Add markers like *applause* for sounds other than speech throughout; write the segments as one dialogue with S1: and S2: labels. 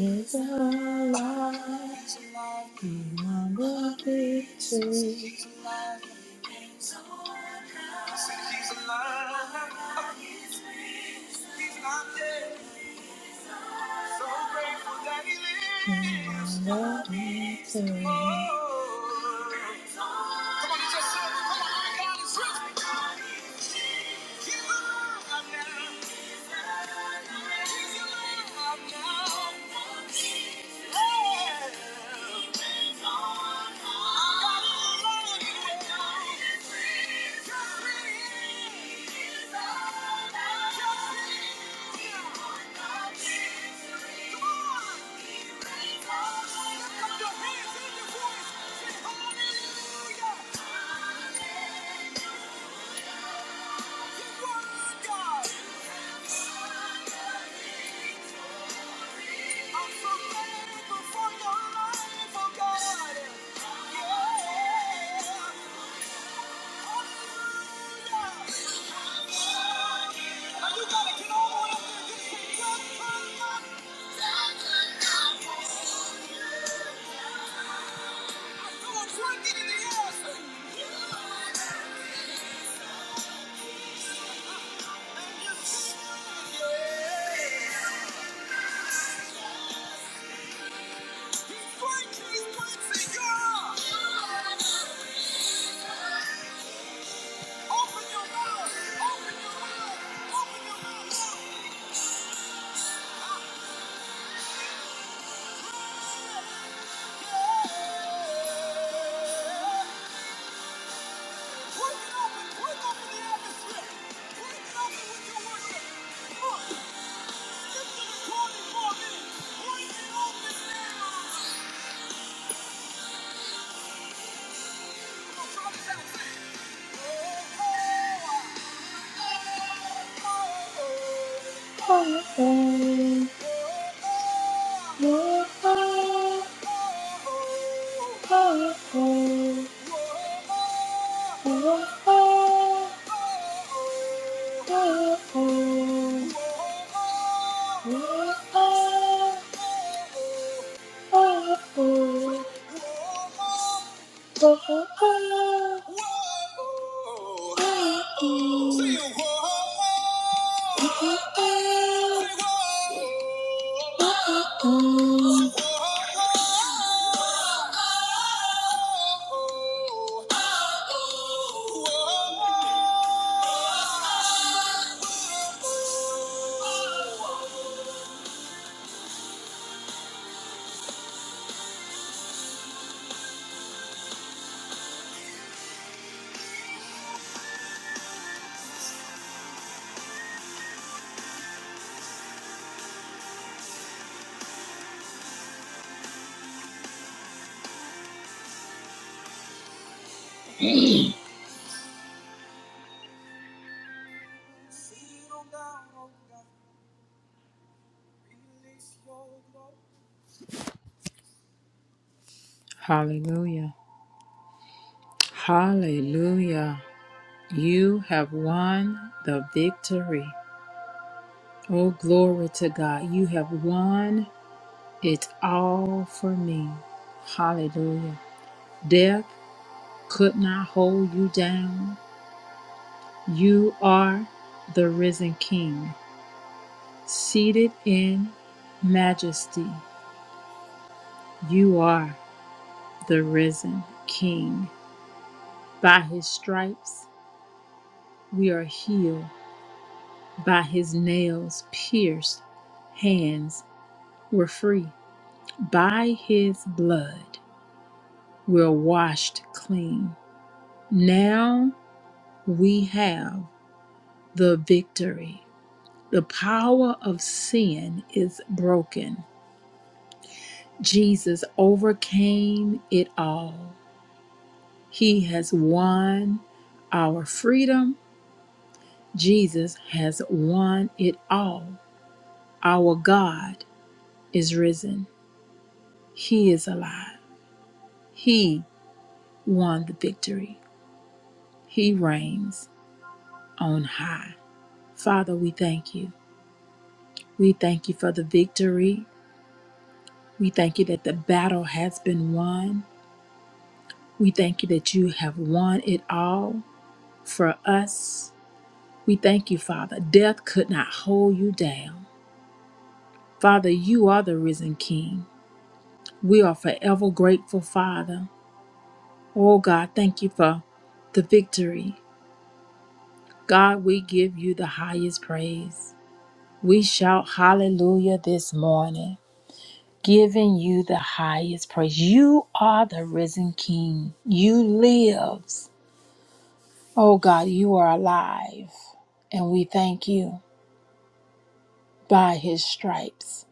S1: Is all I'm worthy to. So grateful that he lives. And all me too. Oh. Put it up and up in the atmosphere. Put it up and with your worship. Oh, oh, oh, oh, oh, oh, oh, oh, oh, oh, oh, oh, oh, oh. Whoa, whoa, whoa. Whoa. whoa. Hallelujah. Hallelujah. You have won the victory. Oh, glory to God. You have won it all for me. Hallelujah. Death could not hold you down. You are the risen King. Seated in majesty, you are the risen King. By his stripes we are healed. By his nails pierced hands we're free. By his blood we're washed clean. Now we have the victory. The power of sin is broken. Jesus overcame it all. He has won our freedom. Jesus has won it all. Our God is risen. He is alive. He won the victory. He reigns on high. Father, we thank you. We thank you for the victory. We thank you that the battle has been won. We thank you that you have won it all for us. We thank you, Father. Death could not hold you down. Father, you are the risen King. We are forever grateful, Father. Oh God, thank you for the victory. God, we give you the highest praise. We shout hallelujah this morning, giving you the highest praise. You are the risen King. You lives. Oh God, you are alive. And we thank you. By his stripes,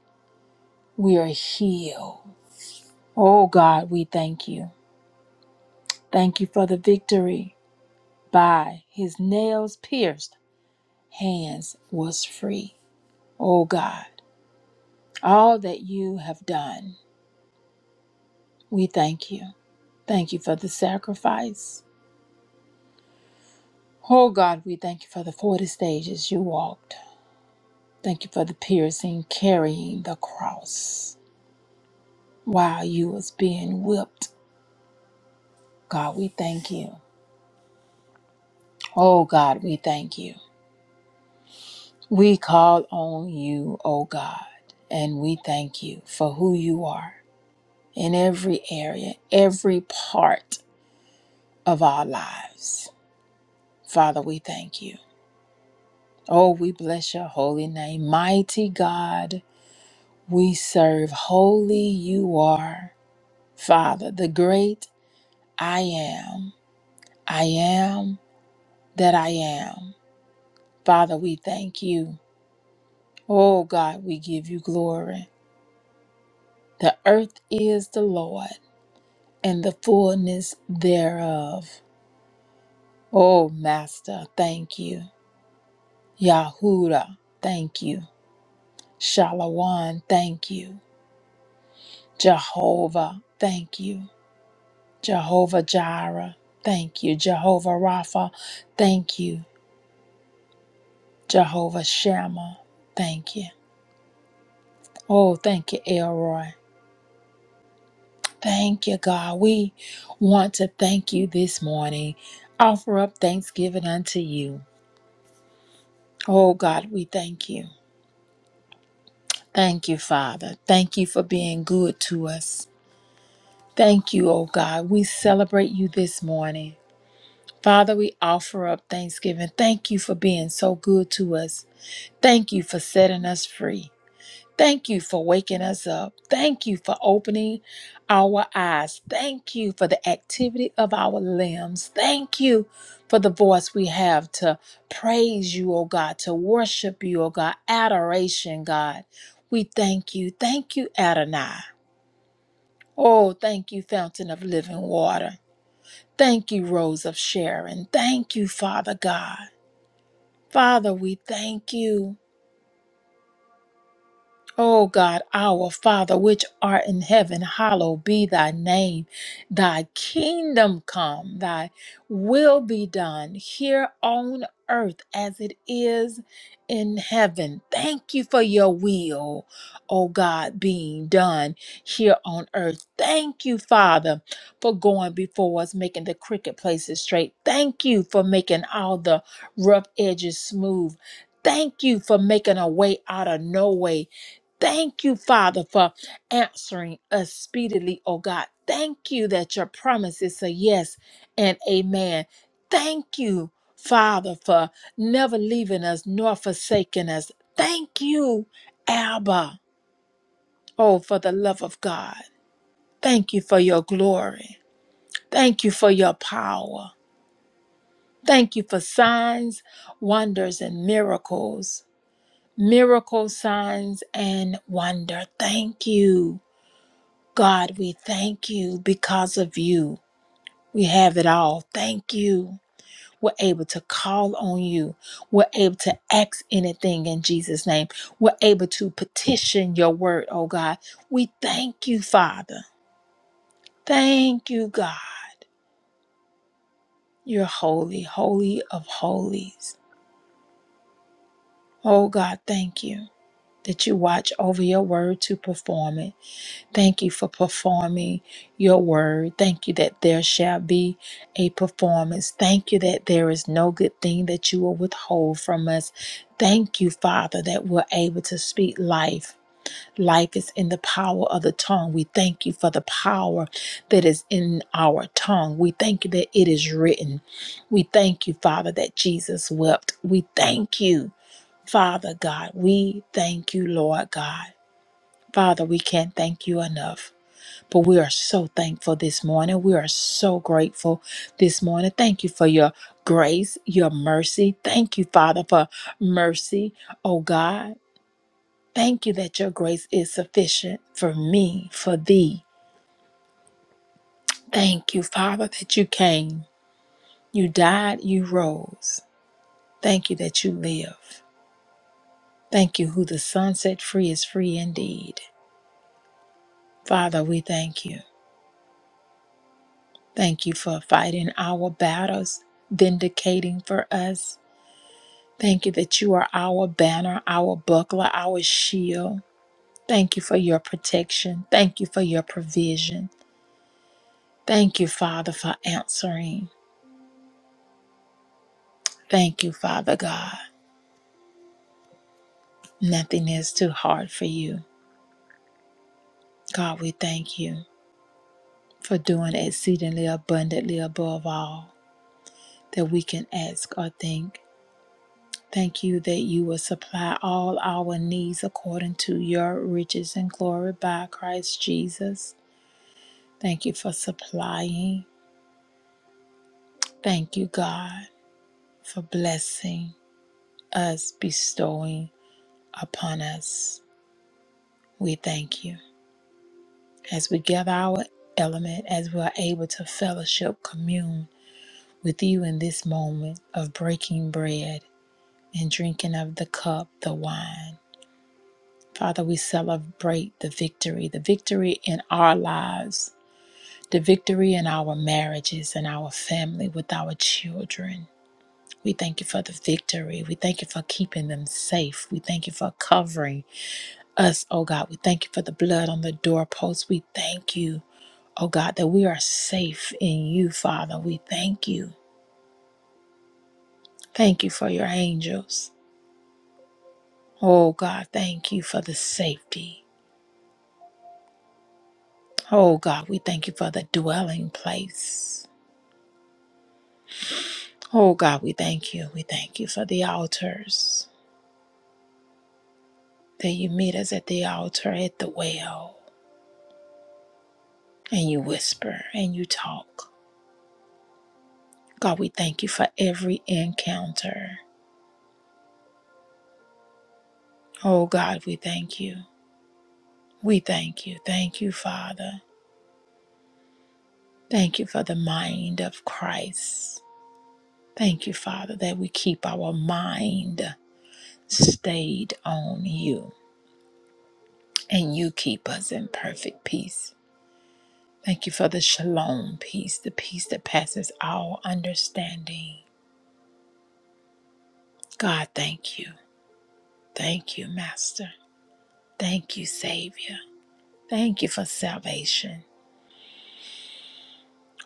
S1: we are healed. Oh God, we thank you. Thank you for the victory. by his nails pierced hands was free. O God, all that you have done, we thank you. Thank you for the sacrifice. Oh God, we thank you for the 40 stages you walked. Thank you for the piercing, carrying the cross while you was being whipped. God, we thank you. Oh God, we thank you. We call on you, oh God, and we thank you for who you are. in every area, every part of our lives. Father, we thank you. Oh, we bless your holy name. Mighty God, we serve. Holy you are. Father, the great I am. I am that I am. Father, we thank you. Oh, God, we give you glory. The earth is the Lord and the fullness thereof. Oh, Master, thank you. Yahuda, thank you. Shalawan, thank you. Jehovah, thank you. Jehovah Jireh, thank you. Jehovah Rapha, thank you. Jehovah Shammah, thank you. Oh, thank you, Elroy. Thank you, God. We want to thank you this morning. Offer up thanksgiving unto you. Oh, God, we thank you. Thank you, Father. Thank you for being good to us. Thank you, O God. We celebrate you this morning. Father, we offer up thanksgiving. Thank you for being so good to us. Thank you for setting us free. Thank you for waking us up. Thank you for opening our eyes. Thank you for the activity of our limbs. Thank you for the voice we have to praise you, O God, to worship you, O God. Adoration, God. We thank you. Thank you, Adonai. Oh, thank you, fountain of living water. Thank you, Rose of Sharon. Thank you, Father God. Father, we thank you. O God, our Father, which art in heaven, hallowed be thy name. Thy kingdom come, thy will be done here on earth as it is in heaven. Thank you for your will, O God, being done here on earth. Thank you, Father, for going before us, making the crooked places straight. Thank you for making all the rough edges smooth. Thank you for making a way out of no way. Thank you, Father, for answering us speedily, oh God. Thank you that your promise is a yes and amen. Thank you, Father, for never leaving us nor forsaking us. Thank you, Abba, oh, for the love of God. Thank you for your glory. Thank you for your power. Thank you for signs, wonders, and miracles. Miracle signs and wonder. Thank you. God, we thank you because of you. We have it all. Thank you. We're able to call on you. We're able to ask anything in Jesus' name. We're able to petition your word, oh God. We thank you, Father. Thank you, God. You're holy, holy of holies. Oh God, thank you that you watch over your word to perform it. Thank you for performing your word. Thank you that there shall be a performance. Thank you that there is no good thing that you will withhold from us. Thank you, Father, that we're able to speak life. Life is in the power of the tongue. We thank you for the power that is in our tongue. We thank you that it is written. We thank you, Father, that Jesus wept. We thank you, Father God. We thank you, Lord God. Father, we can't thank you enough. But we are so thankful this morning. We are so grateful this morning. Thank you for your grace, your mercy. Thank you, Father, for mercy, oh God. Thank you that your grace is sufficient for me, for thee. Thank you, Father, that you came. You died, you rose. Thank you that you live. Thank you, who the Son set free is free indeed. Father, we thank you. Thank you for fighting our battles, vindicating for us. Thank you that you are our banner, our buckler, our shield. Thank you for your protection. Thank you for your provision. Thank you, Father, for answering. Thank you, Father God. Nothing is too hard for you. God, we thank you for doing exceedingly abundantly above all that we can ask or think. Thank you that you will supply all our needs according to your riches and glory by Christ Jesus. Thank you for supplying. Thank you, God, for blessing us, bestowing upon us. We thank you. As we gather our element, as we are able to fellowship, commune with you in this moment of breaking bread and drinking of the cup, the wine. Father, we celebrate the victory, the victory in our lives, the victory in our marriages and our family with our children We thank you for the victory. We thank you for keeping them safe. We thank you for covering us, oh God. We thank you for the blood on the doorposts. We thank you, oh God, that we are safe in you, Father. We thank you. Thank you for your angels. Oh God, thank you for the safety. Oh God, we thank you for the dwelling place. Oh God, we thank you. We thank you for the altars. That you meet us at the altar at the well and you whisper and you talk. God, we thank you for every encounter. Oh, God, we thank you. We thank you. Thank you, Father. Thank you for the mind of Christ. Thank you, Father, that we keep our mind stayed on you and you keep us in perfect peace. Thank you for the shalom peace, the peace that passes all understanding. God, thank you. Thank you, Master. Thank you, Savior. Thank you for salvation.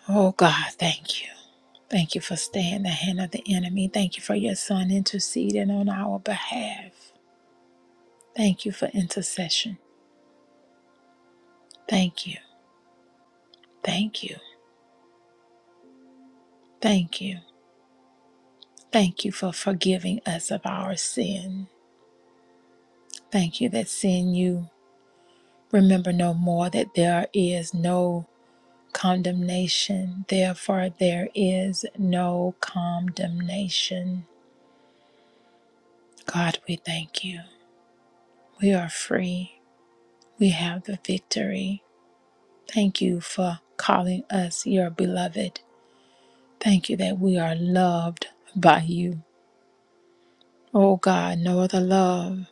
S1: Oh, God, thank you. Thank you for staying the hand of the enemy. Thank you for your son interceding on our behalf. Thank you for intercession. Thank you. Thank you. Thank you. Thank you for forgiving us of our sin. Thank you that sin you remember no more, that there is no condemnation. Therefore, there is no condemnation. God, we thank you. We are free. We have the victory. Thank you for calling us your beloved. Thank you that we are loved by you. Oh God, no other love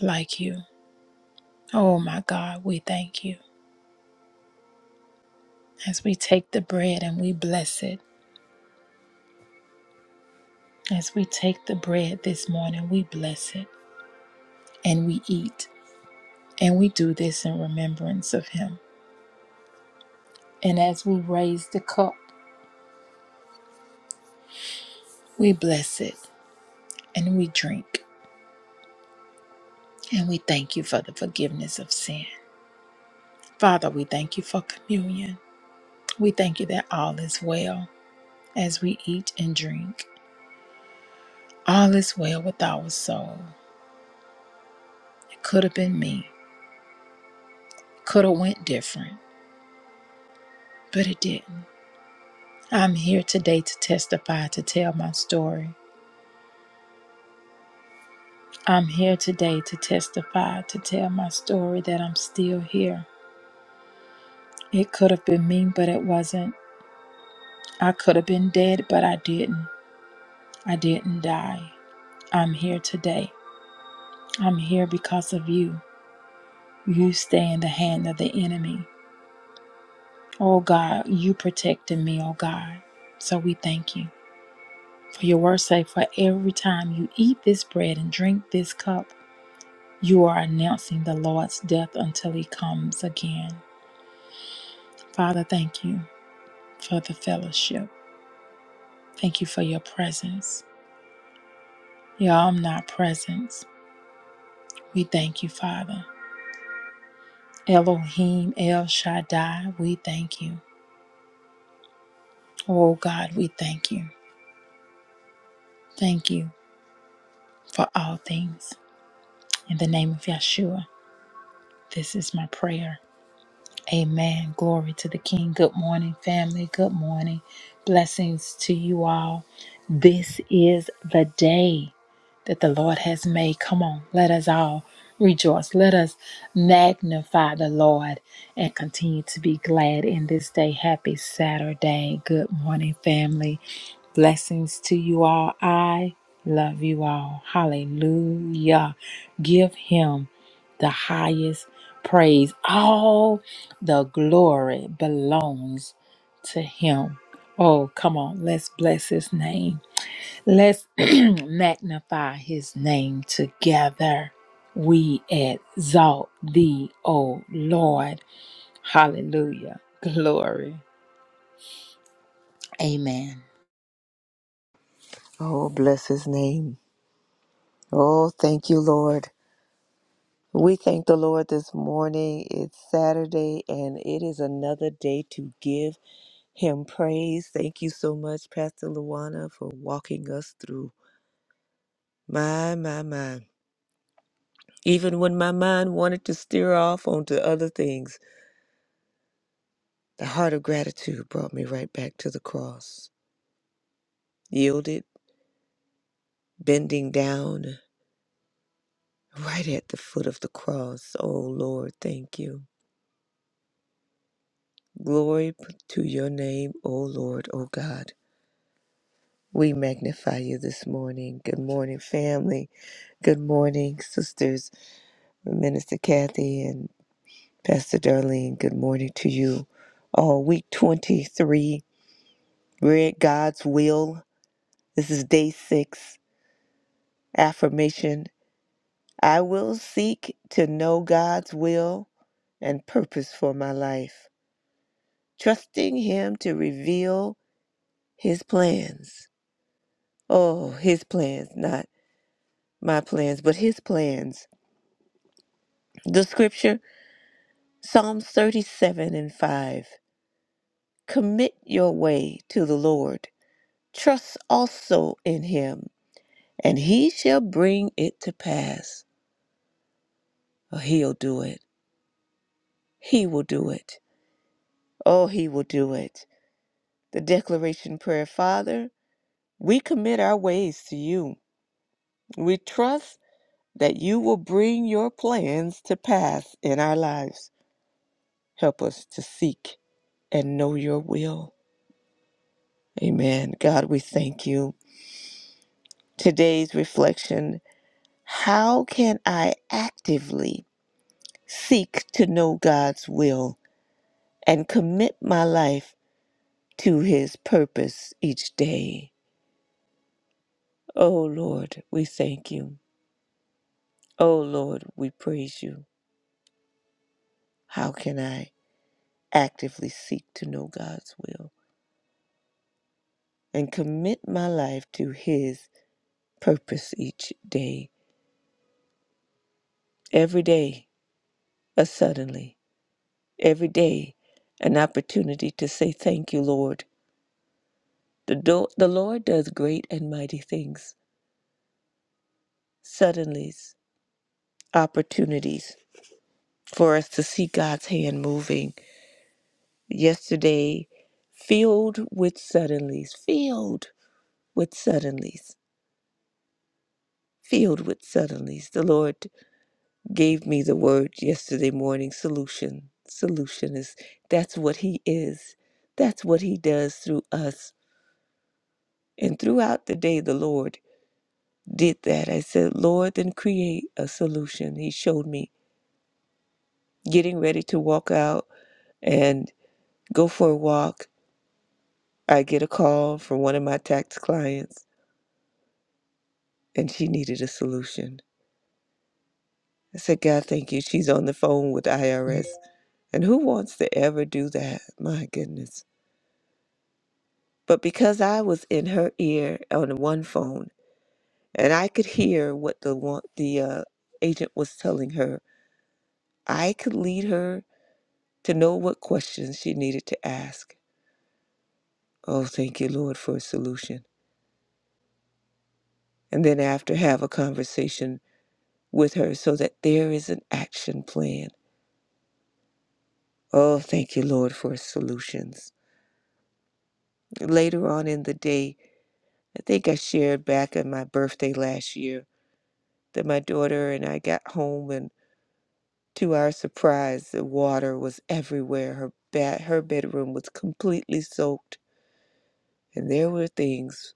S1: like you. Oh my God, we thank you. As we take the bread and we bless it, as we take the bread this morning, we bless it and we eat. And we do this in remembrance of him. And as we raise the cup, we bless it and we drink. And we thank you for the forgiveness of sin. Father, we thank you for communion. We thank you that all is well as we eat and drink. All is well with our soul. It could have been me. Could have went different, but it didn't. I'm here today to testify to tell my story. I'm here today to testify to tell my story that I'm still here. It could have been me, but it wasn't. I could have been dead, but I didn't. I didn't die. I'm here today. I'm here because of you. You stay in the hand of the enemy. Oh God, you protected me, oh God. So we thank you. For your word say, for every time you eat this bread and drink this cup, you are announcing the Lord's death until he comes again. Father, thank you for the fellowship. Thank you for your presence, your omnipresence. We thank you, Father. Elohim, El Shaddai, we thank you. Oh God, we thank you. Thank you for all things. In the name of Yeshua, this is my prayer. Amen. Glory to the King. Good morning, family. Good morning. Blessings to you all. This is the day that the Lord has made. Come on, let us all rejoice. Let us magnify the Lord and continue to be glad in this day. Happy Saturday. Good morning, family. Blessings to you all. I love you all. Hallelujah. Give him the highest praise. All the glory belongs to him. Oh, come on. Let's bless his name. Let's *clears throat* magnify his name together. We exalt thee, O Lord. Hallelujah. Glory. Amen.
S2: Oh, bless his name. Oh, thank you, Lord. We thank the Lord this morning. It's Saturday and it is another day to give him praise. Thank you so much, Pastor Luana, for walking us through. My, my, my. Even when my mind wanted to steer off onto other things, the heart of gratitude brought me right back to the cross. Yielded, bending down right at the foot of the cross. Oh, Lord, thank you. Glory p- to your name, O Lord, O God. We magnify you this morning. Good morning, family. Good morning, sisters. Minister Kathy and Pastor Darlene, good morning to you. Oh, week 23, we're at God's will. This is day six. Affirmation I will seek to know God's will and purpose for my life, trusting Him to reveal His plans. Oh, his plans, not my plans, but his plans. The scripture, Psalms 37 and 5. Commit your way to the Lord. Trust also in him, and he shall bring it to pass. Oh, he'll do it. He will do it. Oh, he will do it. The declaration prayer, Father, we commit our ways to you. We trust that you will bring your plans to pass in our lives. Help us to seek and know your will. Amen. God, we thank you. Today's reflection How can I actively seek to know God's will and commit my life to his purpose each day? Oh Lord, we thank you. Oh Lord, we praise you. How can I actively seek to know God's will and commit my life to his purpose each day? Every day, a suddenly. every day an opportunity to say thank you, Lord. The, do- the Lord does great and mighty things, suddenly opportunities for us to see God's hand moving. Yesterday, filled with suddenlies, filled with suddenlies, filled with suddenlies. The Lord gave me the word yesterday morning solution. Solution is that's what He is, that's what He does through us. And throughout the day, the Lord did that. I said, Lord, then create a solution. He showed me getting ready to walk out and go for a walk. I get a call from one of my tax clients and she needed a solution. I said, God, thank you. She's on the phone with IRS. And who wants to ever do that? My goodness. But because I was in her ear on one phone and I could hear what the one, the uh, agent was telling her, I could lead her to know what questions she needed to ask. Oh, thank you, Lord, for a solution. And then after, have a conversation with her so that there is an action plan. Oh, thank you, Lord, for solutions. Later on in the day, I think I shared back on my birthday last year that my daughter and I got home, and to our surprise, the water was everywhere. Her, ba- her bedroom was completely soaked, and there were things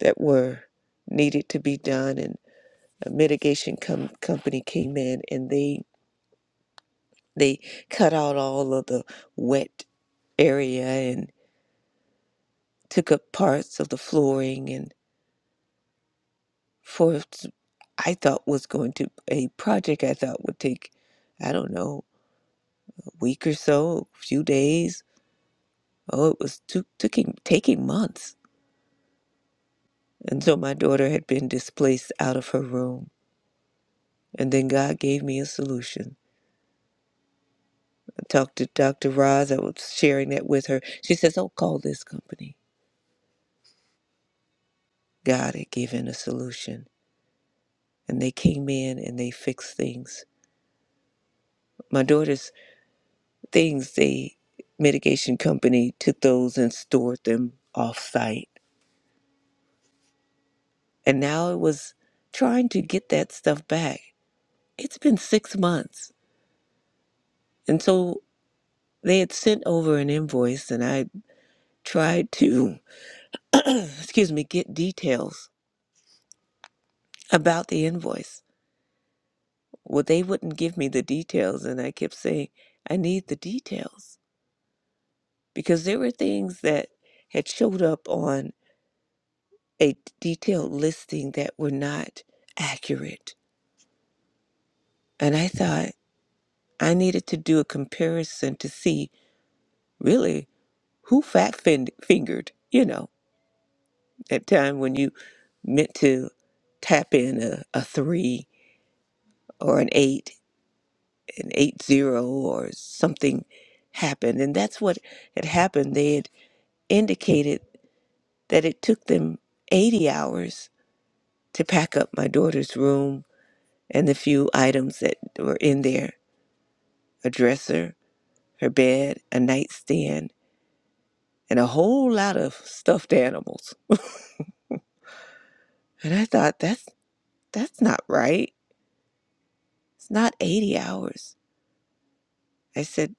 S2: that were needed to be done, and a mitigation com- company came in and they They cut out all of the wet area and took up parts of the flooring and for s- I thought was going to a project I thought would take I don't know a week or so, a few days. Oh, it was took taking taking months until my daughter had been displaced out of her room. And then God gave me a solution. I talked to Dr. Roz. I was sharing that with her. She says, "Oh, call this company." God had given a solution and they came in and they fixed things. My daughter's things, the mitigation company took those and stored them off site. And now it was trying to get that stuff back. It's been six months. And so they had sent over an invoice and I tried to, *clears throat* excuse me, get details about the invoice. Well, they wouldn't give me the details. And I kept saying, I need the details because there were things that had showed up on a detailed listing that were not accurate. And I thought I needed to do a comparison to see really who fat fin- fingered, you know, that time when you meant to tap in a, a three or an eight, an eight zero or something happened. And that's what had happened. They had indicated that it took them 80 hours to pack up my daughter's room and the few items that were in there a dresser, her bed, a nightstand, and a whole lot of stuffed animals. And I thought that's that's not right. It's not 80 hours. I said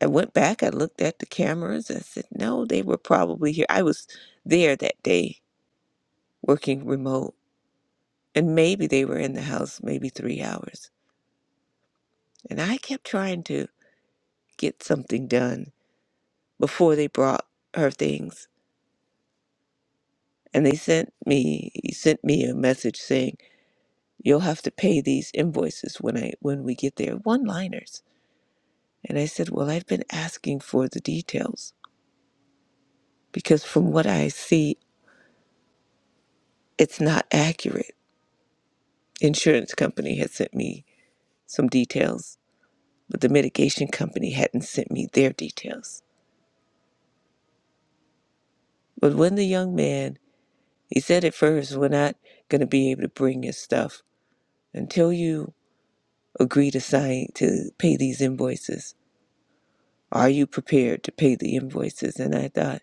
S2: I went back, I looked at the cameras and I said, "No, they were probably here. I was there that day working remote, and maybe they were in the house maybe 3 hours." And I kept trying to get something done before they brought her things. And they sent me he sent me a message saying You'll have to pay these invoices when I when we get there. One liners. And I said, Well, I've been asking for the details because from what I see, it's not accurate. Insurance company had sent me some details, but the mitigation company hadn't sent me their details. But when the young man he said at first, We're not gonna be able to bring your stuff until you agree to sign to pay these invoices. Are you prepared to pay the invoices? And I thought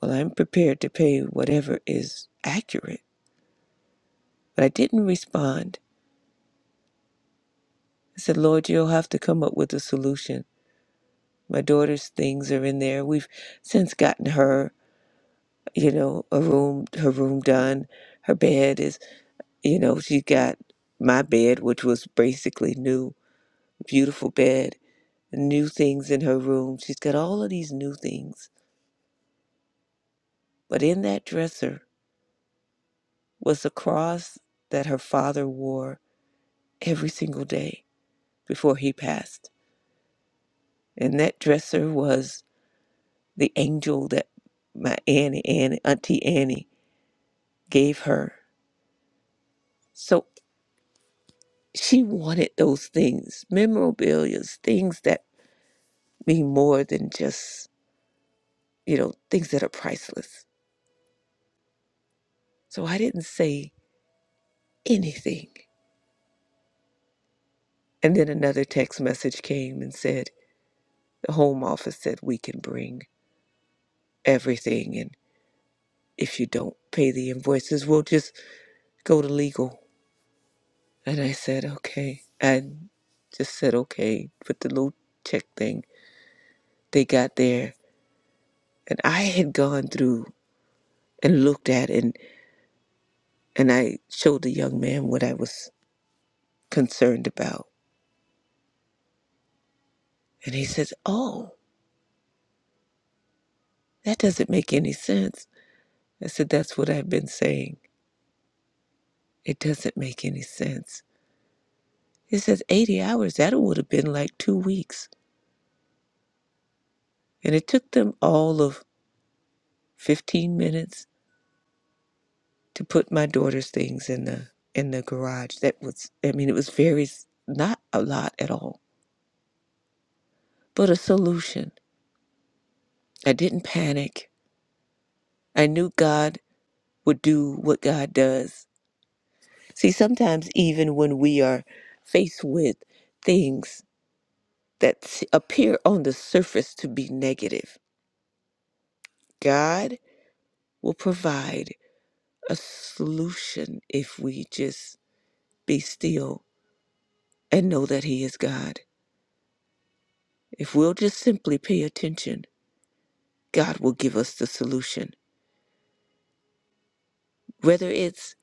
S2: Well, I'm prepared to pay whatever is accurate. But I didn't respond. I said, Lord, you'll have to come up with a solution. My daughter's things are in there. We've since gotten her, you know, a room, her room done. Her bed is, you know, she got my bed, which was basically new, beautiful bed, new things in her room. She's got all of these new things. But in that dresser was a cross that her father wore every single day before he passed And that dresser was the angel that my Annie, Annie, Auntie Annie gave her. So she wanted those things, memorabilia, things that mean more than just, you know, things that are priceless. So I didn't say anything. And then another text message came and said, the home office said we can bring everything. And if you don't pay the invoices, we'll just go to legal. And I said, okay. And just said, okay, put the little check thing. They got there. And I had gone through and looked at and and I showed the young man what I was concerned about. And he says, Oh, that doesn't make any sense. I said, That's what I've been saying. It doesn't make any sense. He says, 80 hours, that would have been like two weeks. And it took them all of 15 minutes to put my daughter's things in the in the garage that was i mean it was very s- not a lot at all but a solution i didn't panic i knew god would do what god does see sometimes even when we are faced with things that s- appear on the surface to be negative god will provide a solution if we just be still and know that he is god if we'll just simply pay attention God will give us the solution. Whether it's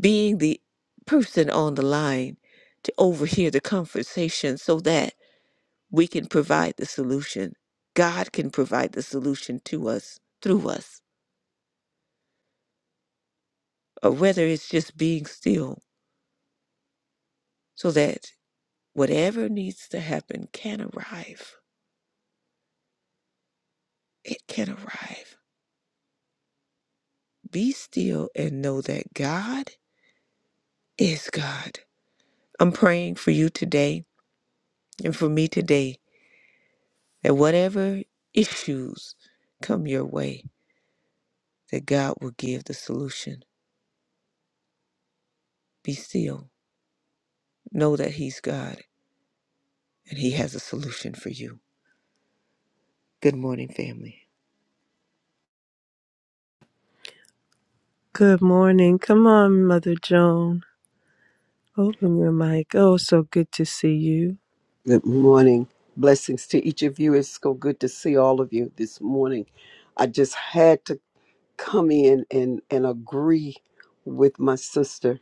S2: being the person on the line to overhear the conversation so that we can provide the solution, God can provide the solution to us through us, or whether it's just being still so that whatever needs to happen can arrive. It can arrive. Be still and know that God is God. I'm praying for you today and for me today that whatever issues come your way, that God will give the solution. Be still. Know that He's God and He has a solution for you. Good morning, family.
S3: Good morning. Come on, Mother Joan. Open your mic. Oh, so good to see you.
S4: Good morning. Blessings to each of you. It's so good to see all of you this morning. I just had to come in and, and agree with my sister,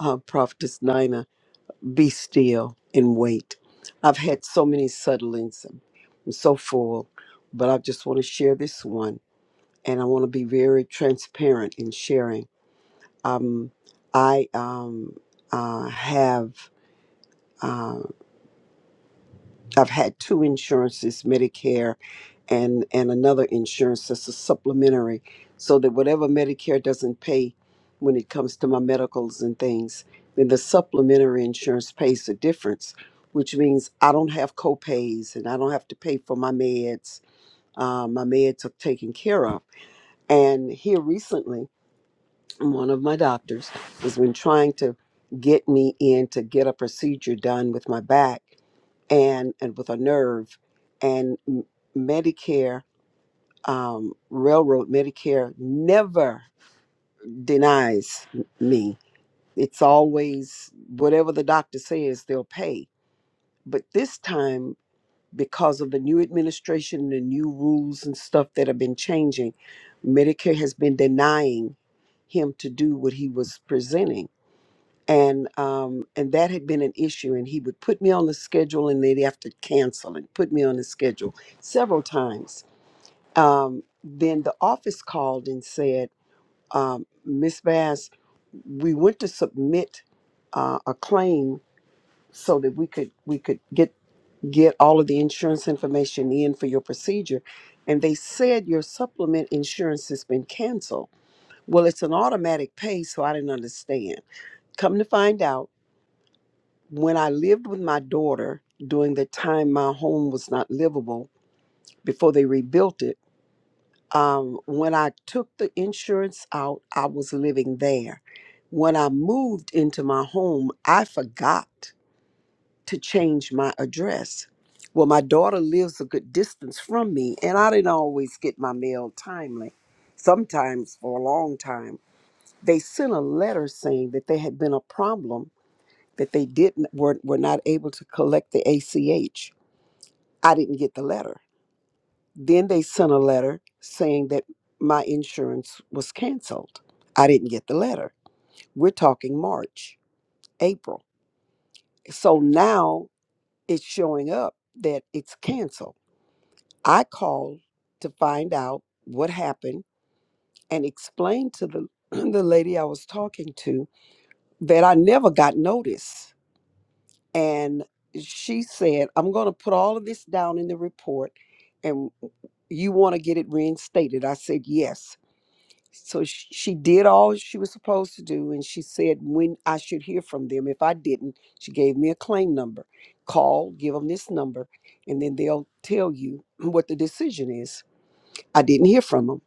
S4: uh, Prophetess Nina, be still and wait. I've had so many settlings. I'm so full, but I just want to share this one. And I want to be very transparent in sharing. Um, I um, uh, have. um, I've had two insurances, Medicare and and another insurance that's a supplementary, so that whatever Medicare doesn't pay when it comes to my medicals and things, then the supplementary insurance pays the difference, which means I don't have co-pays and I don't have to pay for my meds. Uh, my meds are taken care of. And here recently, one of my doctors has been trying to get me in to get a procedure done with my back and and with a nerve and M- medicare um, railroad medicare never denies m- me it's always whatever the doctor says they'll pay but this time because of the new administration and the new rules and stuff that have been changing medicare has been denying him to do what he was presenting and um, and that had been an issue. And he would put me on the schedule, and they'd have to cancel and put me on the schedule several times. Um, then the office called and said, um, "Miss Bass, we went to submit uh, a claim so that we could we could get get all of the insurance information in for your procedure." And they said your supplement insurance has been canceled. Well, it's an automatic pay, so I didn't understand. Come to find out when I lived with my daughter during the time my home was not livable before they rebuilt it, um, when I took the insurance out, I was living there. When I moved into my home, I forgot to change my address. Well, my daughter lives a good distance from me, and I didn't always get my mail timely. Sometimes for a long time, they sent a letter saying that there had been a problem that they didn't were, were not able to collect the ACH. I didn't get the letter. Then they sent a letter saying that my insurance was canceled. I didn't get the letter. We're talking March, April. So now it's showing up that it's canceled. I called to find out what happened and explained to the *clears throat* the lady I was talking to that I never got notice And she said, I'm going to put all of this down in the report and you want to get it reinstated. I said, yes. So sh- she did all she was supposed to do. And she said when I should hear from them. If I didn't, she gave me a claim number. Call, give them this number, and then they'll tell you what the decision is. I didn't hear from them.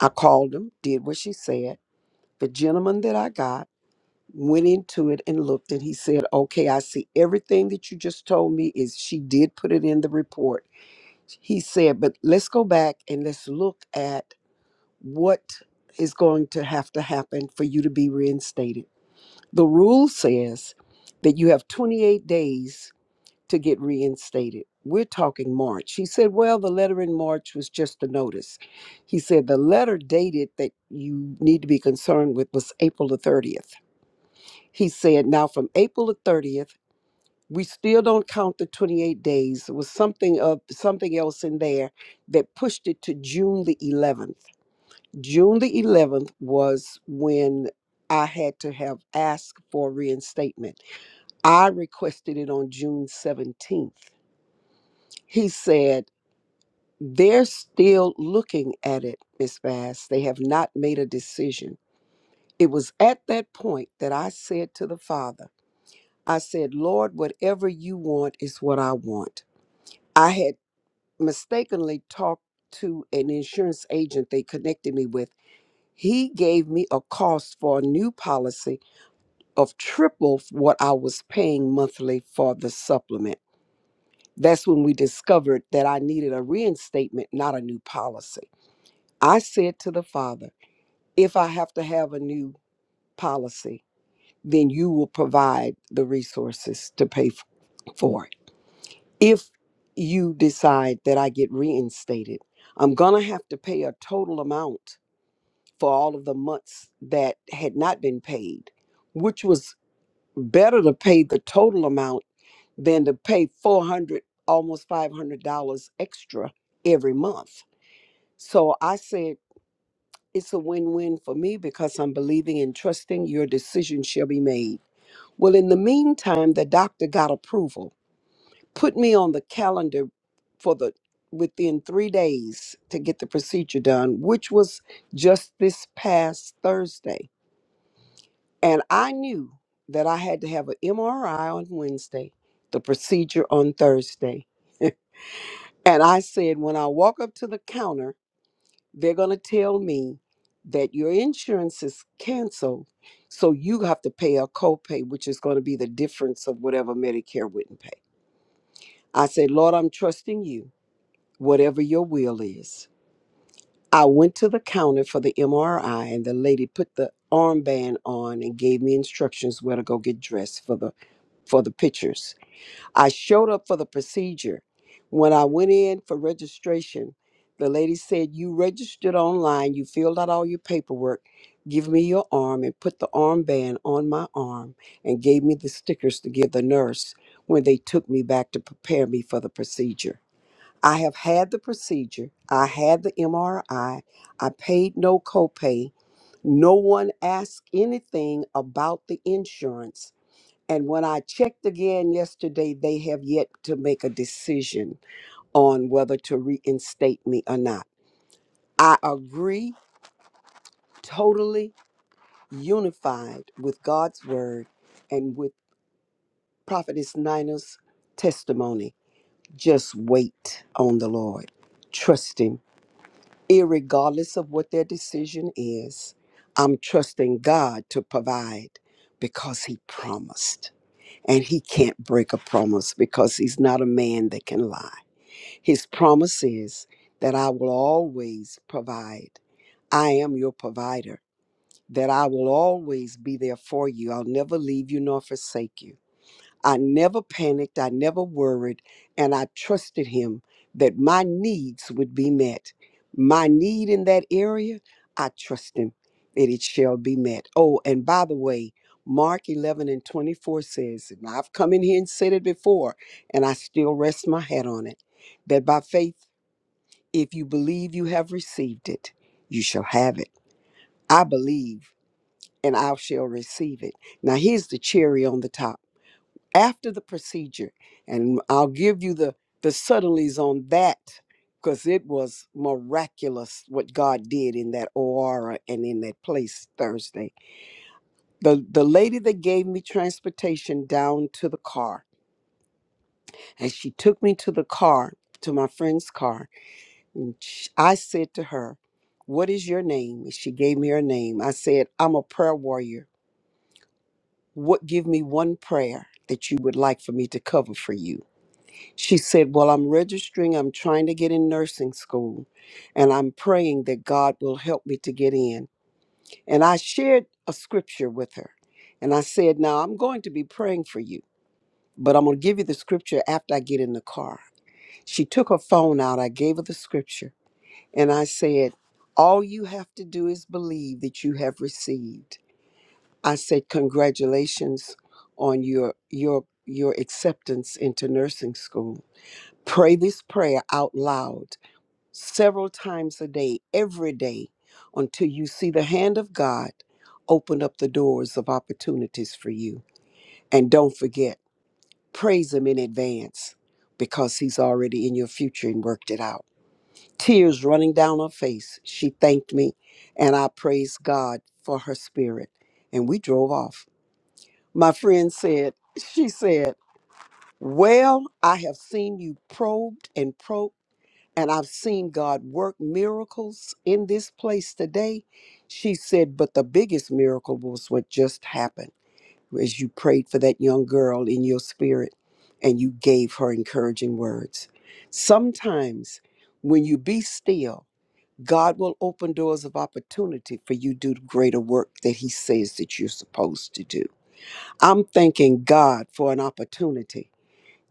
S4: I called them, did what she said. The gentleman that I got, went into it and looked and he said okay i see everything that you just told me is she did put it in the report he said but let's go back and let's look at what is going to have to happen for you to be reinstated the rule says that you have 28 days to get reinstated we're talking march he said well the letter in march was just a notice he said the letter dated that you need to be concerned with was april the 30th he said, now from April the 30th, we still don't count the 28 days. It was something of something else in there that pushed it to June the 11th. June the 11th was when I had to have asked for reinstatement. I requested it on June 17th. He said, they're still looking at it, Miss Bass. They have not made a decision. It was at that point that I said to the father, I said, Lord, whatever you want is what I want. I had mistakenly talked to an insurance agent they connected me with. He gave me a cost for a new policy of triple what I was paying monthly for the supplement. That's when we discovered that I needed a reinstatement, not a new policy. I said to the father, if I have to have a new policy, then you will provide the resources to pay f- for it. if you decide that I get reinstated, I'm going to have to pay a total amount for all of the months that had not been paid, which was better to pay the total amount than to pay 400 almost $500 extra every month. So I said it's a win-win for me because I'm believing and trusting your decision shall be made. Well, in the meantime, the doctor got approval put me on the calendar for the within three days to get the procedure done, which was just this past Thursday. And I knew that I had to have an MRI on Wednesday, the procedure on Thursday. And I said, when I walk up to the counter, they're going to tell me that your insurance is canceled. So you have to pay a copay, which is going to be the difference of whatever Medicare wouldn't pay. I said, Lord, I'm trusting you whatever your will is. I went to the counter for the MRI, and the lady put the armband on and gave me instructions where to go get dressed for the for the pictures. I showed up for the procedure. When I went in for registration, the lady said, You registered online, you filled out all your paperwork, give me your arm, and put the armband on my arm, and gave me the stickers to give the nurse when they took me back to prepare me for the procedure. I have had the procedure. I had the MRI. I I paid no copay. No one asked anything about the insurance. And when I checked again yesterday, they have yet to make a decision on whether to reinstate me or not. I agree totally unified with God's word and with Prophetess Nina's testimony. Just wait on the Lord. Trust Him irregardless of what their decision is, I'm trusting God to provide because He promised. And He can't break a promise because He's not a man that can lie. His promise is that I will always provide. I am your provider, that I will always be there for you. I'll never leave you nor forsake you I never panicked, I never worried, and I trusted him that my needs would be met. My need in that area, I trust him that it shall be met. Oh, and by the way, Mark 11 and 24 says, and I've come in here and said it before, and I still rest my hat on it, that by faith, if you believe you have received it, you shall have it. I believe and I shall receive it. Now, here's the cherry on the top after the procedure and i'll give you the the subtleties on that because it was miraculous what god did in that aurora and in that place thursday the the lady that gave me transportation down to the car and she took me to the car to my friend's car and sh i said to her what is your name and she gave me her name i said i'm a prayer warrior what give me one prayer that you would like for me to cover for you She said, Well, I'm registering, I'm trying to get in nursing school, and I'm praying that God will help me to get in. And I shared a scripture with her. And I said, Now I'm going to be praying for you, but I'm going to give you the scripture after I get in the car. She took her phone out, I gave her the scripture, and I said, All you have to do is believe that you have received. I said, Congratulations on your your your acceptance into nursing school. Pray this prayer out loud several times a day, every day, until you see the hand of God open up the doors of opportunities for you. And don't forget, praise Him in advance because He's already in your future and worked it out. Tears running down her face, she thanked me, and I praised God for her spirit. And we drove off. My friend said, She said, Well, I have seen you probed and probed and I've seen God work miracles in this place today. She said, but the biggest miracle was what just happened as you prayed for that young girl in your spirit and you gave her encouraging words. Sometimes when you be still, God will open doors of opportunity for you to do the greater work that He says that you're supposed to do. I'm thanking God for an opportunity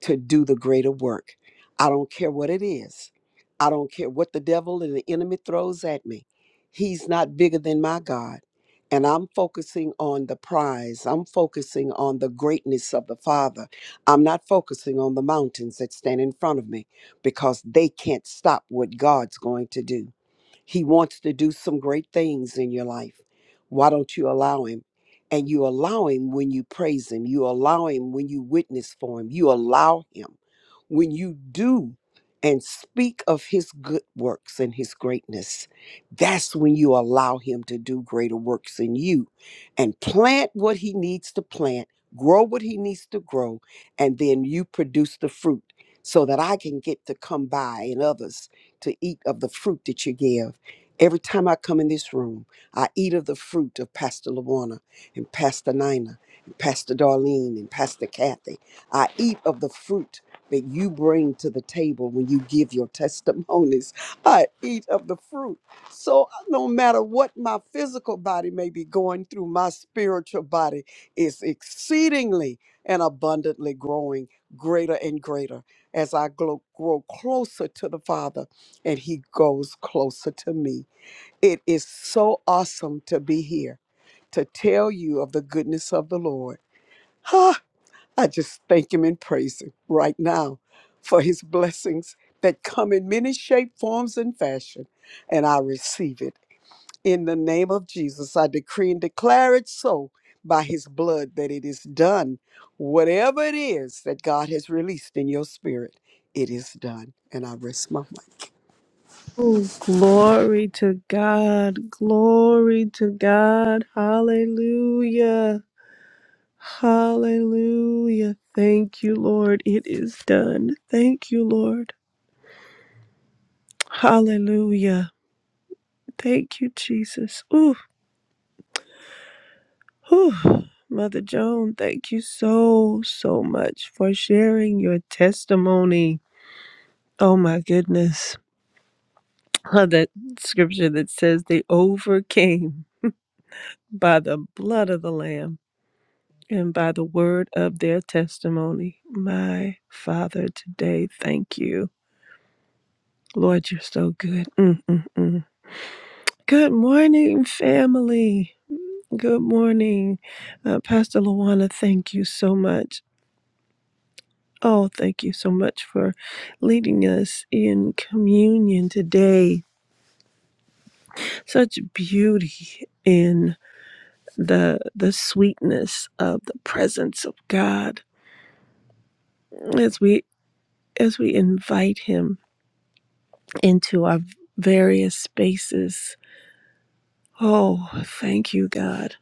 S4: to do the greater work. I don't care what it is. I don't care what the devil and the enemy throws at me. He's not bigger than my God. And I'm focusing on the prize. I'm focusing on the greatness of the Father. I'm not focusing on the mountains that stand in front of me because they can't stop what God's going to do. He wants to do some great things in your life. Why don't you allow him? And you allow him when you praise him. You allow him when you witness for him. You allow him when you do and speak of his good works and his greatness. That's when you allow him to do greater works in you and plant what he needs to plant, grow what he needs to grow, and then you produce the fruit so that I can get to come by and others to eat of the fruit that you give. Every time I come in this room, I eat of the fruit of Pastor Lawana and Pastor Nina and Pastor Darlene and Pastor Kathy. I eat of the fruit that you bring to the table when you give your *laughs* testimonies. I eat of the fruit. So no matter what my physical body may be going through, my spiritual body is exceedingly and abundantly growing greater and greater as I grow, grow closer to the Father and He goes closer to me. It is so awesome to be here to tell you of the goodness of the Lord. Ah! I just thank Him and praise Him right now for His blessings that come in many shape, forms, and fashion, and I receive it. In the name of Jesus, I decree and declare it so by His blood that it is done. Whatever it is that God has released in your spirit, it is done. And I rest my mind.
S3: Oh, glory to God. Glory to God. Hallelujah. Hallelujah. Thank you, Lord. It is done. Thank you, Lord. Hallelujah. Thank you, Jesus. Ooh, ooh. Mother Joan, thank you so, so much for sharing your testimony. Oh, my goodness. *laughs* on that scripture that says they overcame by the blood of the lamb and by the word of their testimony my father today thank you lord you're so good mm, mm, mm. good morning family good morning uh, pastor luana thank you so much Oh, thank you so much for leading us in communion today. Such beauty in. the the sweetness of the presence of God as we as we invite him into our various spaces. Oh, thank you, God.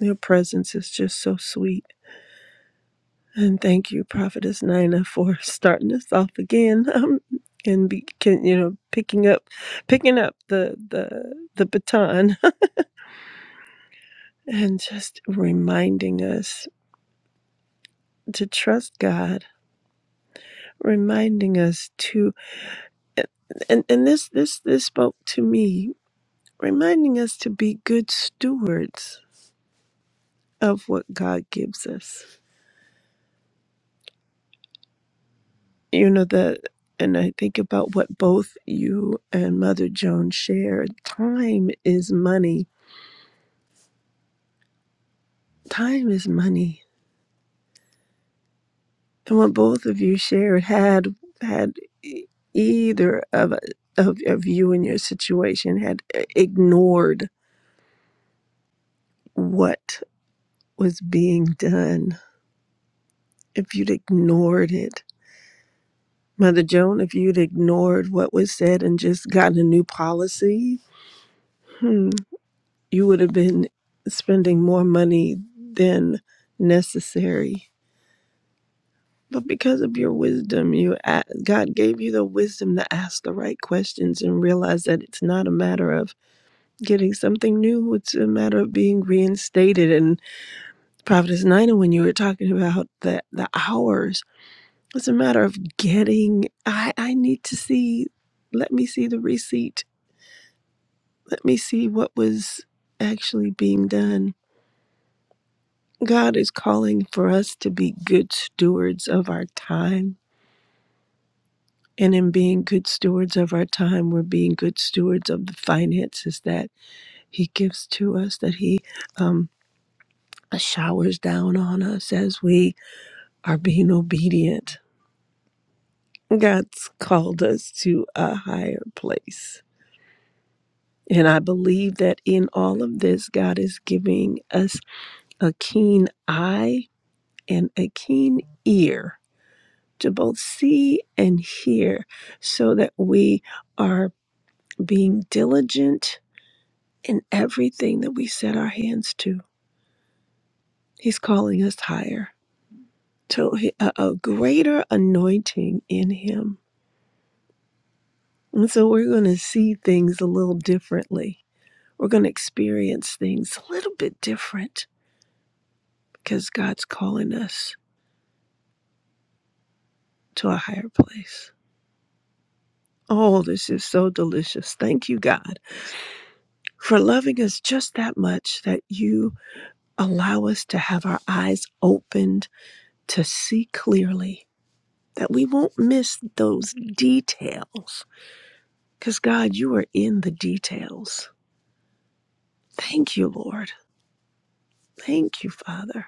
S3: Your presence is just so sweet. And thank you, Prophetess Nina, for *laughs* starting us off again. Um, and be, can, you know, picking up, picking up the the the baton, *laughs* and just reminding us to trust God, reminding us to and and this this this spoke to me reminding us to be good stewards of what god gives us you know the and i think about what both you and mother joan shared time is money time is money and what both of you shared had had e- either of of, of you and your situation had ignored what was being done if you'd ignored it Mother Joan, if you'd ignored what was said and just gotten a new policy, hmm, you would have been spending more money than necessary. But because of your wisdom, you a- God gave you the wisdom to ask the right questions and realize that it's not a matter of getting something new; it's a matter of being reinstated. And Prophetess Nina, when you were talking about the the hours, it's a matter of getting. I I need to see. Let me see the receipt Let me see what was actually being done. God is calling for us to be good stewards of our time. And in being good stewards of our time, we're being good stewards of the finances that He gives to us, that He um, showers down on us as we are being obedient. God's called us to a higher place. And I believe that in all of this, God is giving us a keen eye and a keen ear to both see and hear so that we are being diligent in everything that we set our hands to. He's calling us higher to a, a greater anointing in Him. And so we're going to see things a little differently. We're going to experience things a little bit different because God's calling us to a higher place. Oh, this is so delicious. Thank you, God. for loving us just that much that you allow us to have our eyes opened to see clearly, that we won't miss those details. Because, God, you are in the details. Thank you, Lord. Thank you, Father.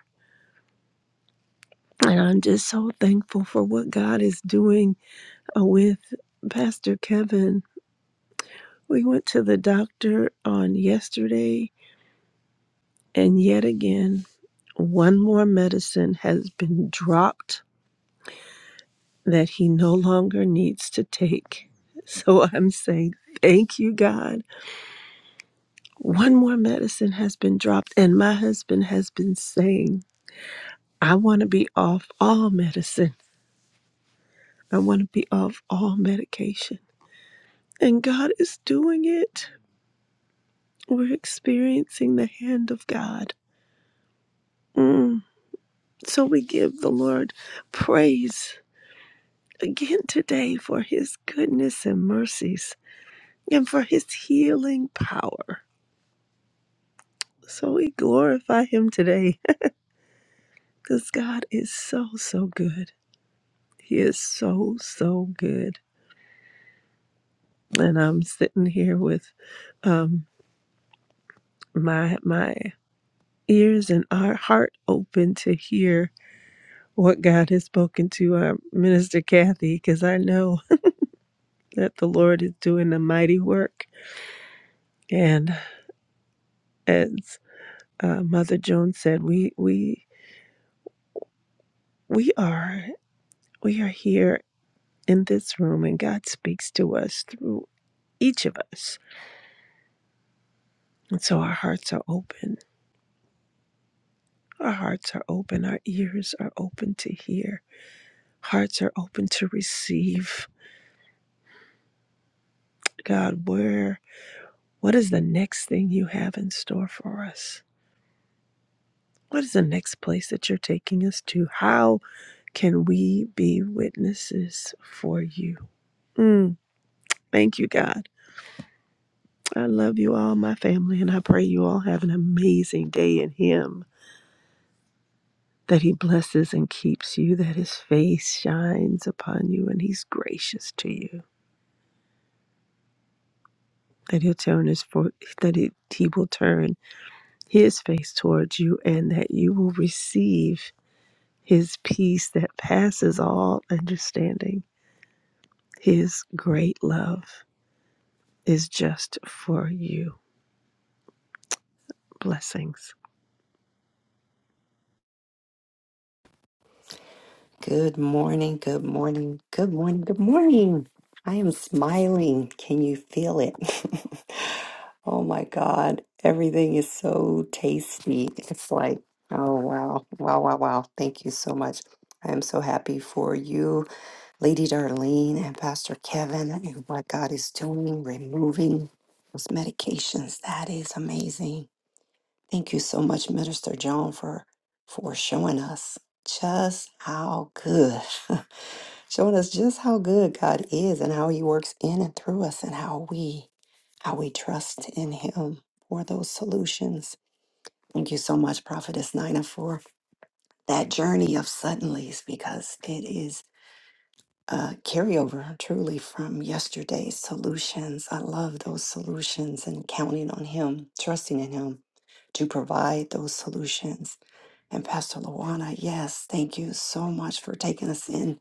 S3: And I'm just so thankful for what God is doing uh, with Pastor Kevin. We went to the doctor on yesterday, and yet again, one more medicine has been dropped that he no longer needs to take. So I'm saying, thank you, God. One more medicine has been dropped, and my husband has been saying, I want to be off all medicine. I want to be off all medication. And God is doing it. We're experiencing the hand of God. Mm. So we give the Lord praise again today for his goodness and mercies and for his healing power. So we glorify him today *laughs* because God is so, so good. He is so, so good. And I'm sitting here with um, my my ears and our heart open to hear what God has spoken to our minister Kathy, because I know *laughs* that the Lord is doing a mighty work. And as uh, Mother Jones said, we we we are we are here in this room, and God speaks to us through each of us And so our hearts are open. Our hearts are open. Our ears are open to hear. Hearts are open to receive. God, where, what is the next thing you have in store for us? What is the next place that you're taking us to? How can we be witnesses for you? Mm, thank you, God. I love you all, my family, and I pray you all have an amazing day in Him. That He blesses and keeps you, that His face shines upon you, and He's gracious to you that he'll turn his for that it, he will turn his face towards you and that you will receive his peace that passes all understanding his great love is just for you blessings
S5: Good morning, good morning, good morning, good morning. I am smiling. Can you feel it? *laughs* oh my God. Everything is so tasty. It's like, oh wow, wow, wow, wow. Thank you so much. I am so happy for you, Lady Darlene and Pastor Kevin, and what God is doing, removing those medications. That is amazing. Thank you so much, Minister John, for for showing us just how good, *laughs* showing us just how good God is and how He works in and through us and how we how we trust in Him for those solutions. Thank you so much, Prophetess Nina, for that journey of suddenlies because it is a carryover truly from yesterday's solutions. I love those solutions and counting on Him, trusting in Him to provide those solutions and Pastor Luana, yes, thank you so much for taking us in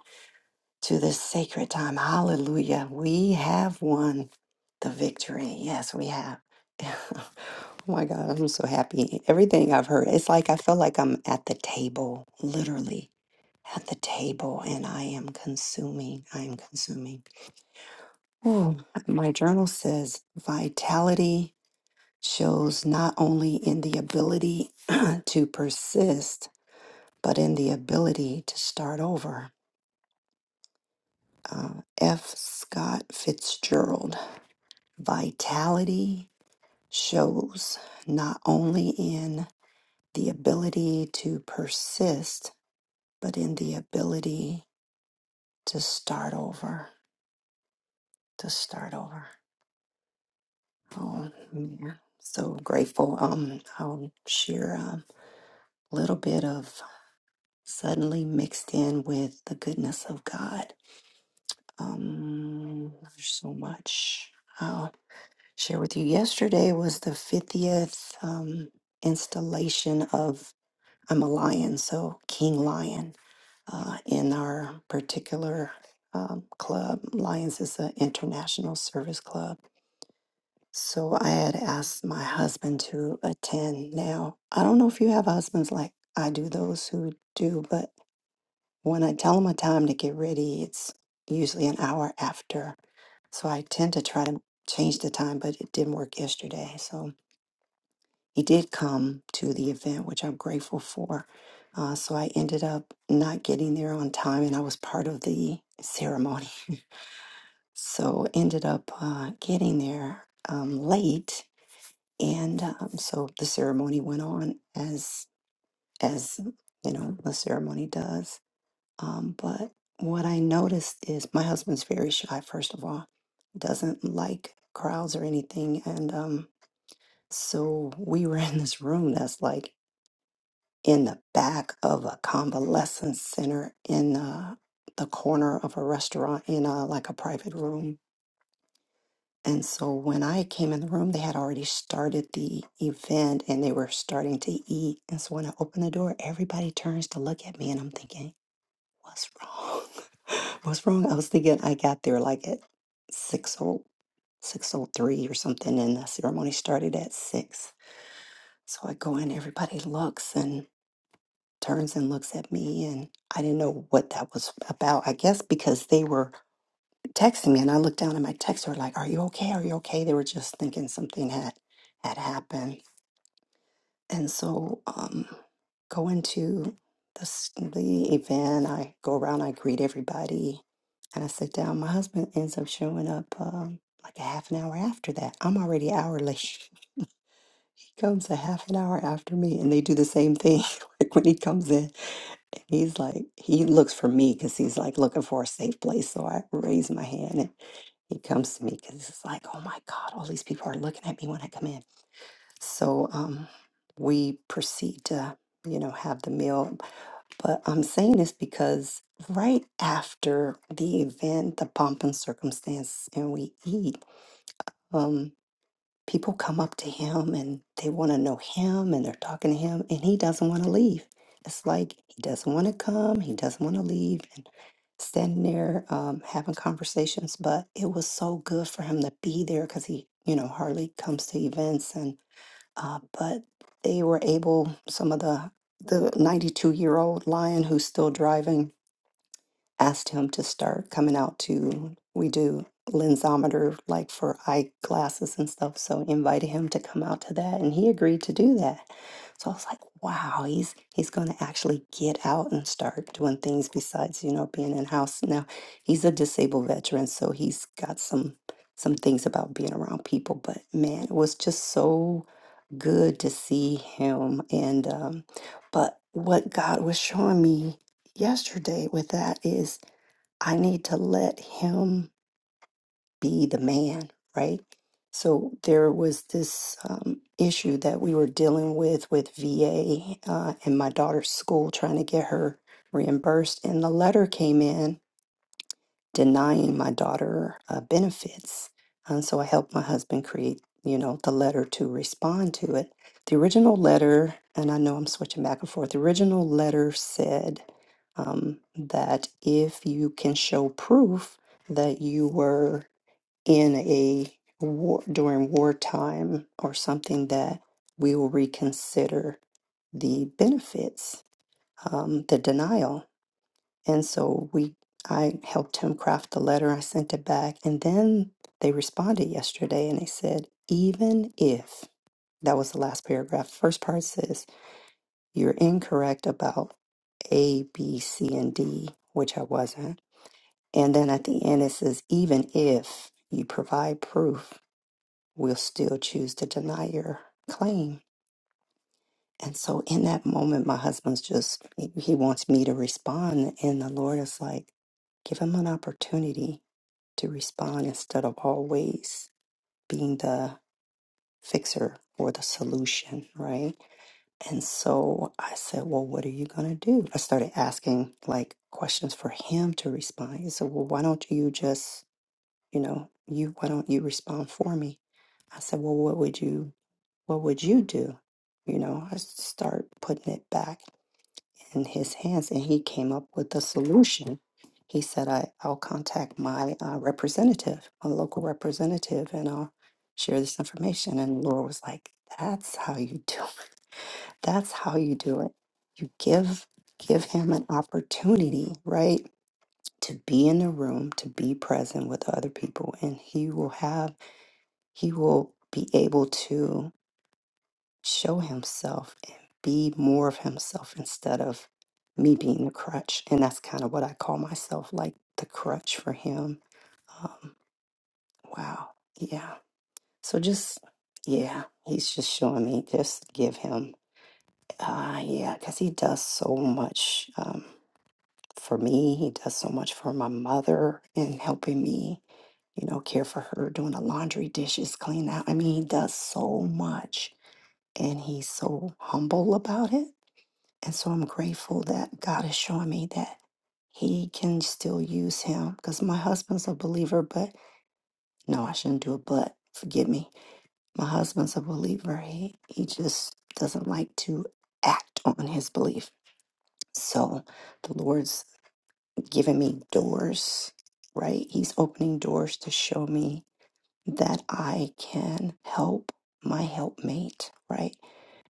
S5: to this sacred time. Hallelujah. We have won the victory. Yes, we have. *laughs* oh my God, I'm so happy. Everything I've heard, it's like I feel like I'm at the table, literally at the table, and I am consuming. I am consuming. Oh, my journal says vitality shows not only in the ability *clears throat* to persist but in the ability to start over. Uh, F. Scott Fitzgerald. Vitality shows not only in the ability to persist, but in the ability to start over. To start over. Oh, man. So grateful. Um, I'll share a little bit of suddenly mixed in with the goodness of God. Um, there's so much. Oh, share with you. Yesterday was the 50th um, installation of I'm a Lion, so King Lion uh, in our particular um, club. Lions is an international service club. So I had asked my husband to attend. Now, I don't know if you have husbands like I do, those who do, but when I tell them a time to get ready, it's usually an hour after. So I tend to try to change the time, but it didn't work yesterday. So he did come to the event, which I'm grateful for. Uh, so I ended up not getting there on time, and I was part of the ceremony. *laughs* so ended up uh, getting there um, late, and um, so the ceremony went on as as you know the ceremony does. Um, but what I noticed is my husband's very shy. First of all, doesn't like crowds or anything, and um, so we were in this room that's like in the back of a convalescent center in uh, the corner of a restaurant in a, like a private room. And so when I came in the room, they had already started the event and they were starting to eat. And so when I opened the door, everybody turns to look at me and I'm thinking, what's wrong? *laughs* what's wrong? I was thinking I got there like at 6 603 or something and the ceremony started at 6. So I go in, everybody looks turns and looks at me and I didn't know what that was about. I guess because they were texting me and I looked down at my text They were like, Are you okay? Are you okay? They were just thinking something had had happened. And so um going to the, s- the event, I go around, I greet everybody and I sit down. My husband ends up showing up um like a half an hour after that. I'm already an hour late. *laughs* He comes a half an hour after me and they do the same thing. *laughs* Like when he comes in, and he's like, he looks for me because he's like looking for a safe place. So I raise my hand and he comes to me because it's like, oh my God, all these people are looking at me when I come in. So um, we proceed to, you know, have the meal. But I'm saying this because right after the event, the pomp and circumstance, and we eat. um, people come up to him and they want to know him and they're talking to him and he doesn't want to leave. It's like he doesn't want to come, he doesn't want to leave, and standing there um, having conversations. But it was so good for him to be there because he, you know, hardly comes to events. And uh, but they were able, some of the the 92 year old lion who's still driving asked him to start coming out to we do lensometer like for eyeglasses and stuff so invited him to come out to that and he agreed to do that so i was like wow he's he's going to actually get out and start doing things besides you know being in house now he's a disabled veteran so he's got some some things about being around people but man it was just so good to see him and um but what god was showing me yesterday with that is I need to let him be the man, right? So there was this um, issue that we were dealing with with VA uh, and my daughter's school trying to get her reimbursed, and the letter came in denying my daughter uh, benefits. And so I helped my husband create, you know, the letter to respond to it. The original letter, and I know I'm switching back and forth, the original letter said um, that if you can show proof that you were in a war during wartime or something, that we will reconsider the benefits, um, the denial. And so we, I helped him craft the letter. I sent it back, and then they responded yesterday, and they said, even if that was the last paragraph. First part says you're incorrect about A, B, C, and D, which I wasn't. And then at the end it says, even if you provide proof, we'll still choose to deny your claim. And so in that moment, my husband's just, he he wants me to respond. And the Lord is like, give him an opportunity to respond instead of always being the fixer or the solution, right? And so I said, Well, what are you going to do? I started asking like questions for him to respond. He said, Well, why don't you just, you know, you, why don't you respond for me? I said, Well, what would you, what would you do? You know, I start putting it back in his hands and he came up with a solution. He said, I, I'll contact my uh, representative, my local representative, and I'll share this information. And Laura was like, That's how you do it. That's how you do it. You give give him an opportunity, right? To be in the room, to be present with other people, and he will have he will be able to show himself and be more of himself instead of me being the crutch. And that's kind of what I call myself, like the crutch for him. Um, wow. Yeah. So just, yeah, he's just showing me, just give him, uh, yeah, because he does so much um, for me. He does so much for my mother and helping me, you know, care for her, doing the laundry, dishes, clean out. I mean, he does so much and he's so humble about it And so I'm grateful that God is showing me that He can still use him because my husband's a believer, but no, I shouldn't do a but forgive me. My husband's a believer. He, he just doesn't like to act on his belief. So the Lord's giving me doors, right? He's opening doors to show me that I can help my helpmate, right?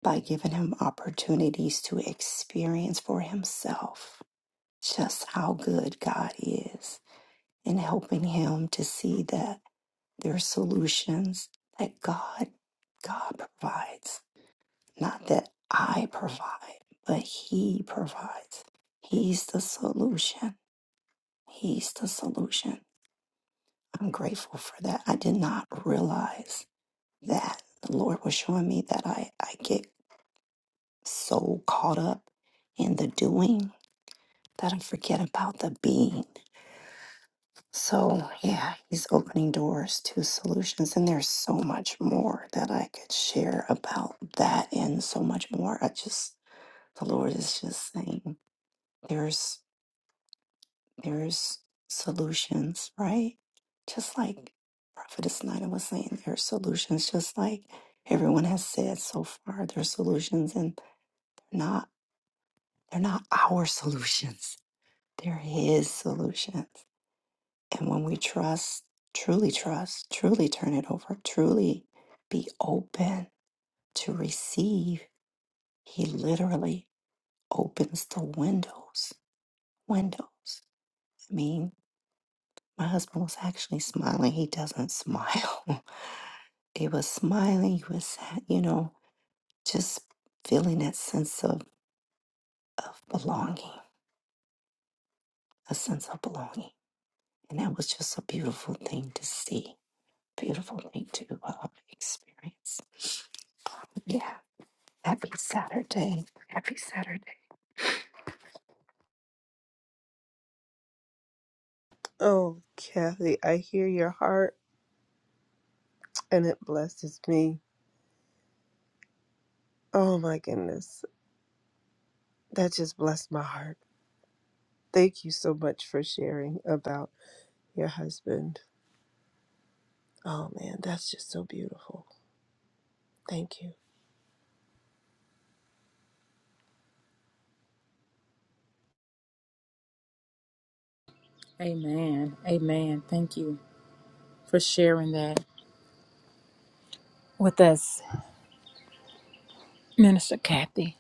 S5: By giving him opportunities to experience for himself just how good God is and helping him to see that there are solutions that God God provides, not that I provide, but he provides. He's the solution. He's the solution. I'm grateful for that. I did not realize that the Lord was showing me that I, I get so caught up in the doing that I forget about the being So, yeah, he's opening doors to solutions. And there's so much more that I could share about that and so much more. I just, the Lord is just saying there's, there's solutions, right? Just like Prophetess Nina was saying, there's solutions, just like everyone has said so far, there's solutions and not, they're not our *laughs* solutions. They're his solutions. And when we trust, truly trust, truly turn it over, truly be open to receive, he literally opens the windows. Windows. I mean, my husband was actually smiling. He doesn't smile. *laughs* he was smiling. He was, sad, you know, just feeling that sense of, of belonging, a sense of belonging. And that was just a beautiful thing to see, beautiful thing to uh, experience. Yeah. Happy Saturday. Happy Saturday.
S3: Oh, Kathy, I hear your heart and it blesses me. Oh my goodness. That just blessed my heart. Thank you so much for sharing about your husband. Oh man, that's just so beautiful. Thank you.
S1: Amen. Amen. Thank you. for sharing that with us, Minister Kathy.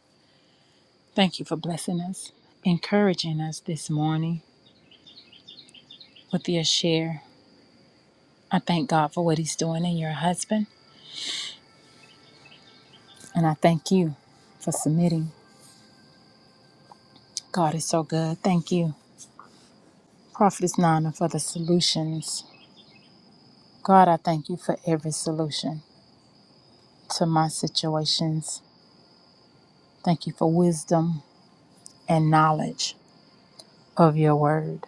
S1: Thank you for blessing us, encouraging us this morning with your share. I thank God for what He's doing in your husband, and I thank you for submitting. God is so good. Thank you, Prophetess Nana, for the solutions. God, I thank you for every solution to my situations. Thank you for wisdom and knowledge of your word.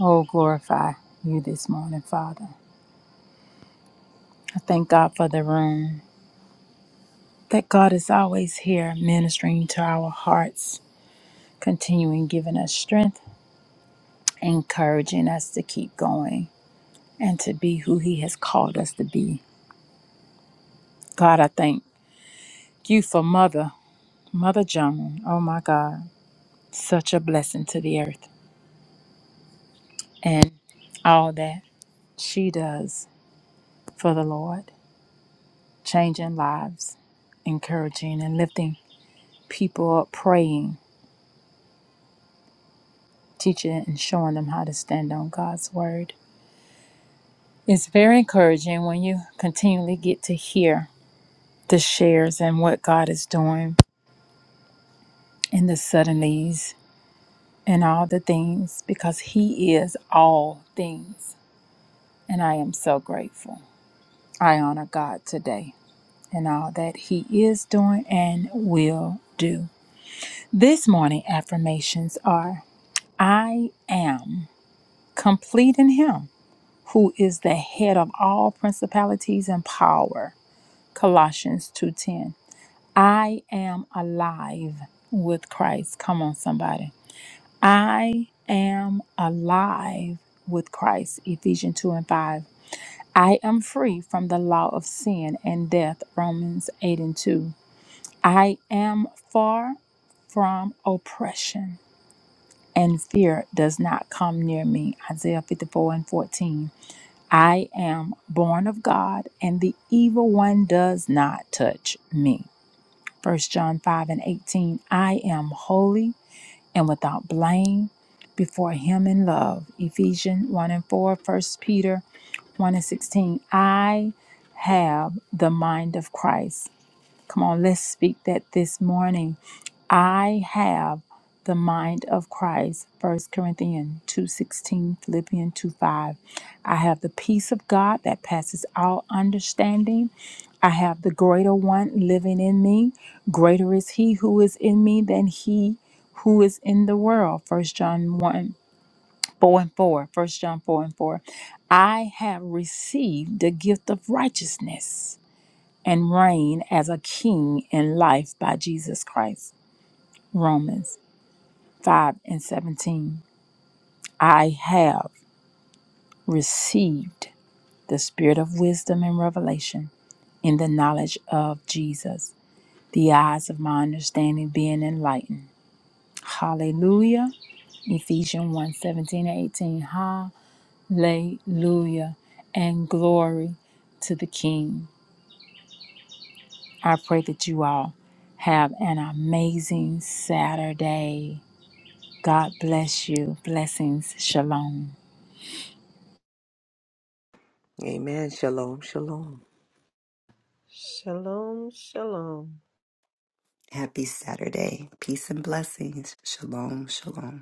S1: Oh, glorify you this morning, Father. I thank God for the room. that God is always here ministering to our hearts, continuing giving us strength, encouraging us to keep going and to be who He has called us to be. God, I thank you for Mother, Mother Joan. Oh my God, such a blessing to the earth and all that she does for the Lord, changing lives, encouraging and lifting people up, praying, teaching and showing them how to stand on God's word. It's very encouraging when you continually get to hear the shares and what God is doing and the suddenlies and all the things because He is all things. And I am so grateful. I honor God today and all that He is doing and will do. This morning, affirmations are I am complete in Him who is the head of all principalities and power. Colossians 2:10 I am alive with Christ. Come on, somebody. I am alive with Christ. Ephesians 2 and 5. I am free from the law of sin and death. Romans 8 and 2. I am far from oppression and fear does not come near me. Isaiah 54 and 14. I am born of God and the evil one does not touch me. First John 5 and 18, I am holy and without blame before him in love. Ephesians 1 and 4, 1 Peter 1 and 16, I have the mind of Christ. Come on, let's speak that this morning I have the mind of Christ, First Corinthians 2.16, Philippians two five. I have the peace of God that passes all understanding. I have the greater one living in me. Greater is he who is in me than he who is in the world. First John 1, 4 and 4. First John 4 and 4. I have received the gift of righteousness and reign as a king in life by Jesus Christ. Romans. 5 and 17. I have received the spirit of wisdom and revelation in the knowledge of Jesus, the eyes of my understanding being enlightened. Hallelujah. Ephesians one 17 and 18. Hallelujah. And glory to the King. I pray that you all have an amazing Saturday. God bless you. Blessings. Shalom.
S2: Amen. Shalom. Shalom.
S3: Shalom, shalom.
S5: Happy Saturday. Peace and blessings. Shalom, shalom.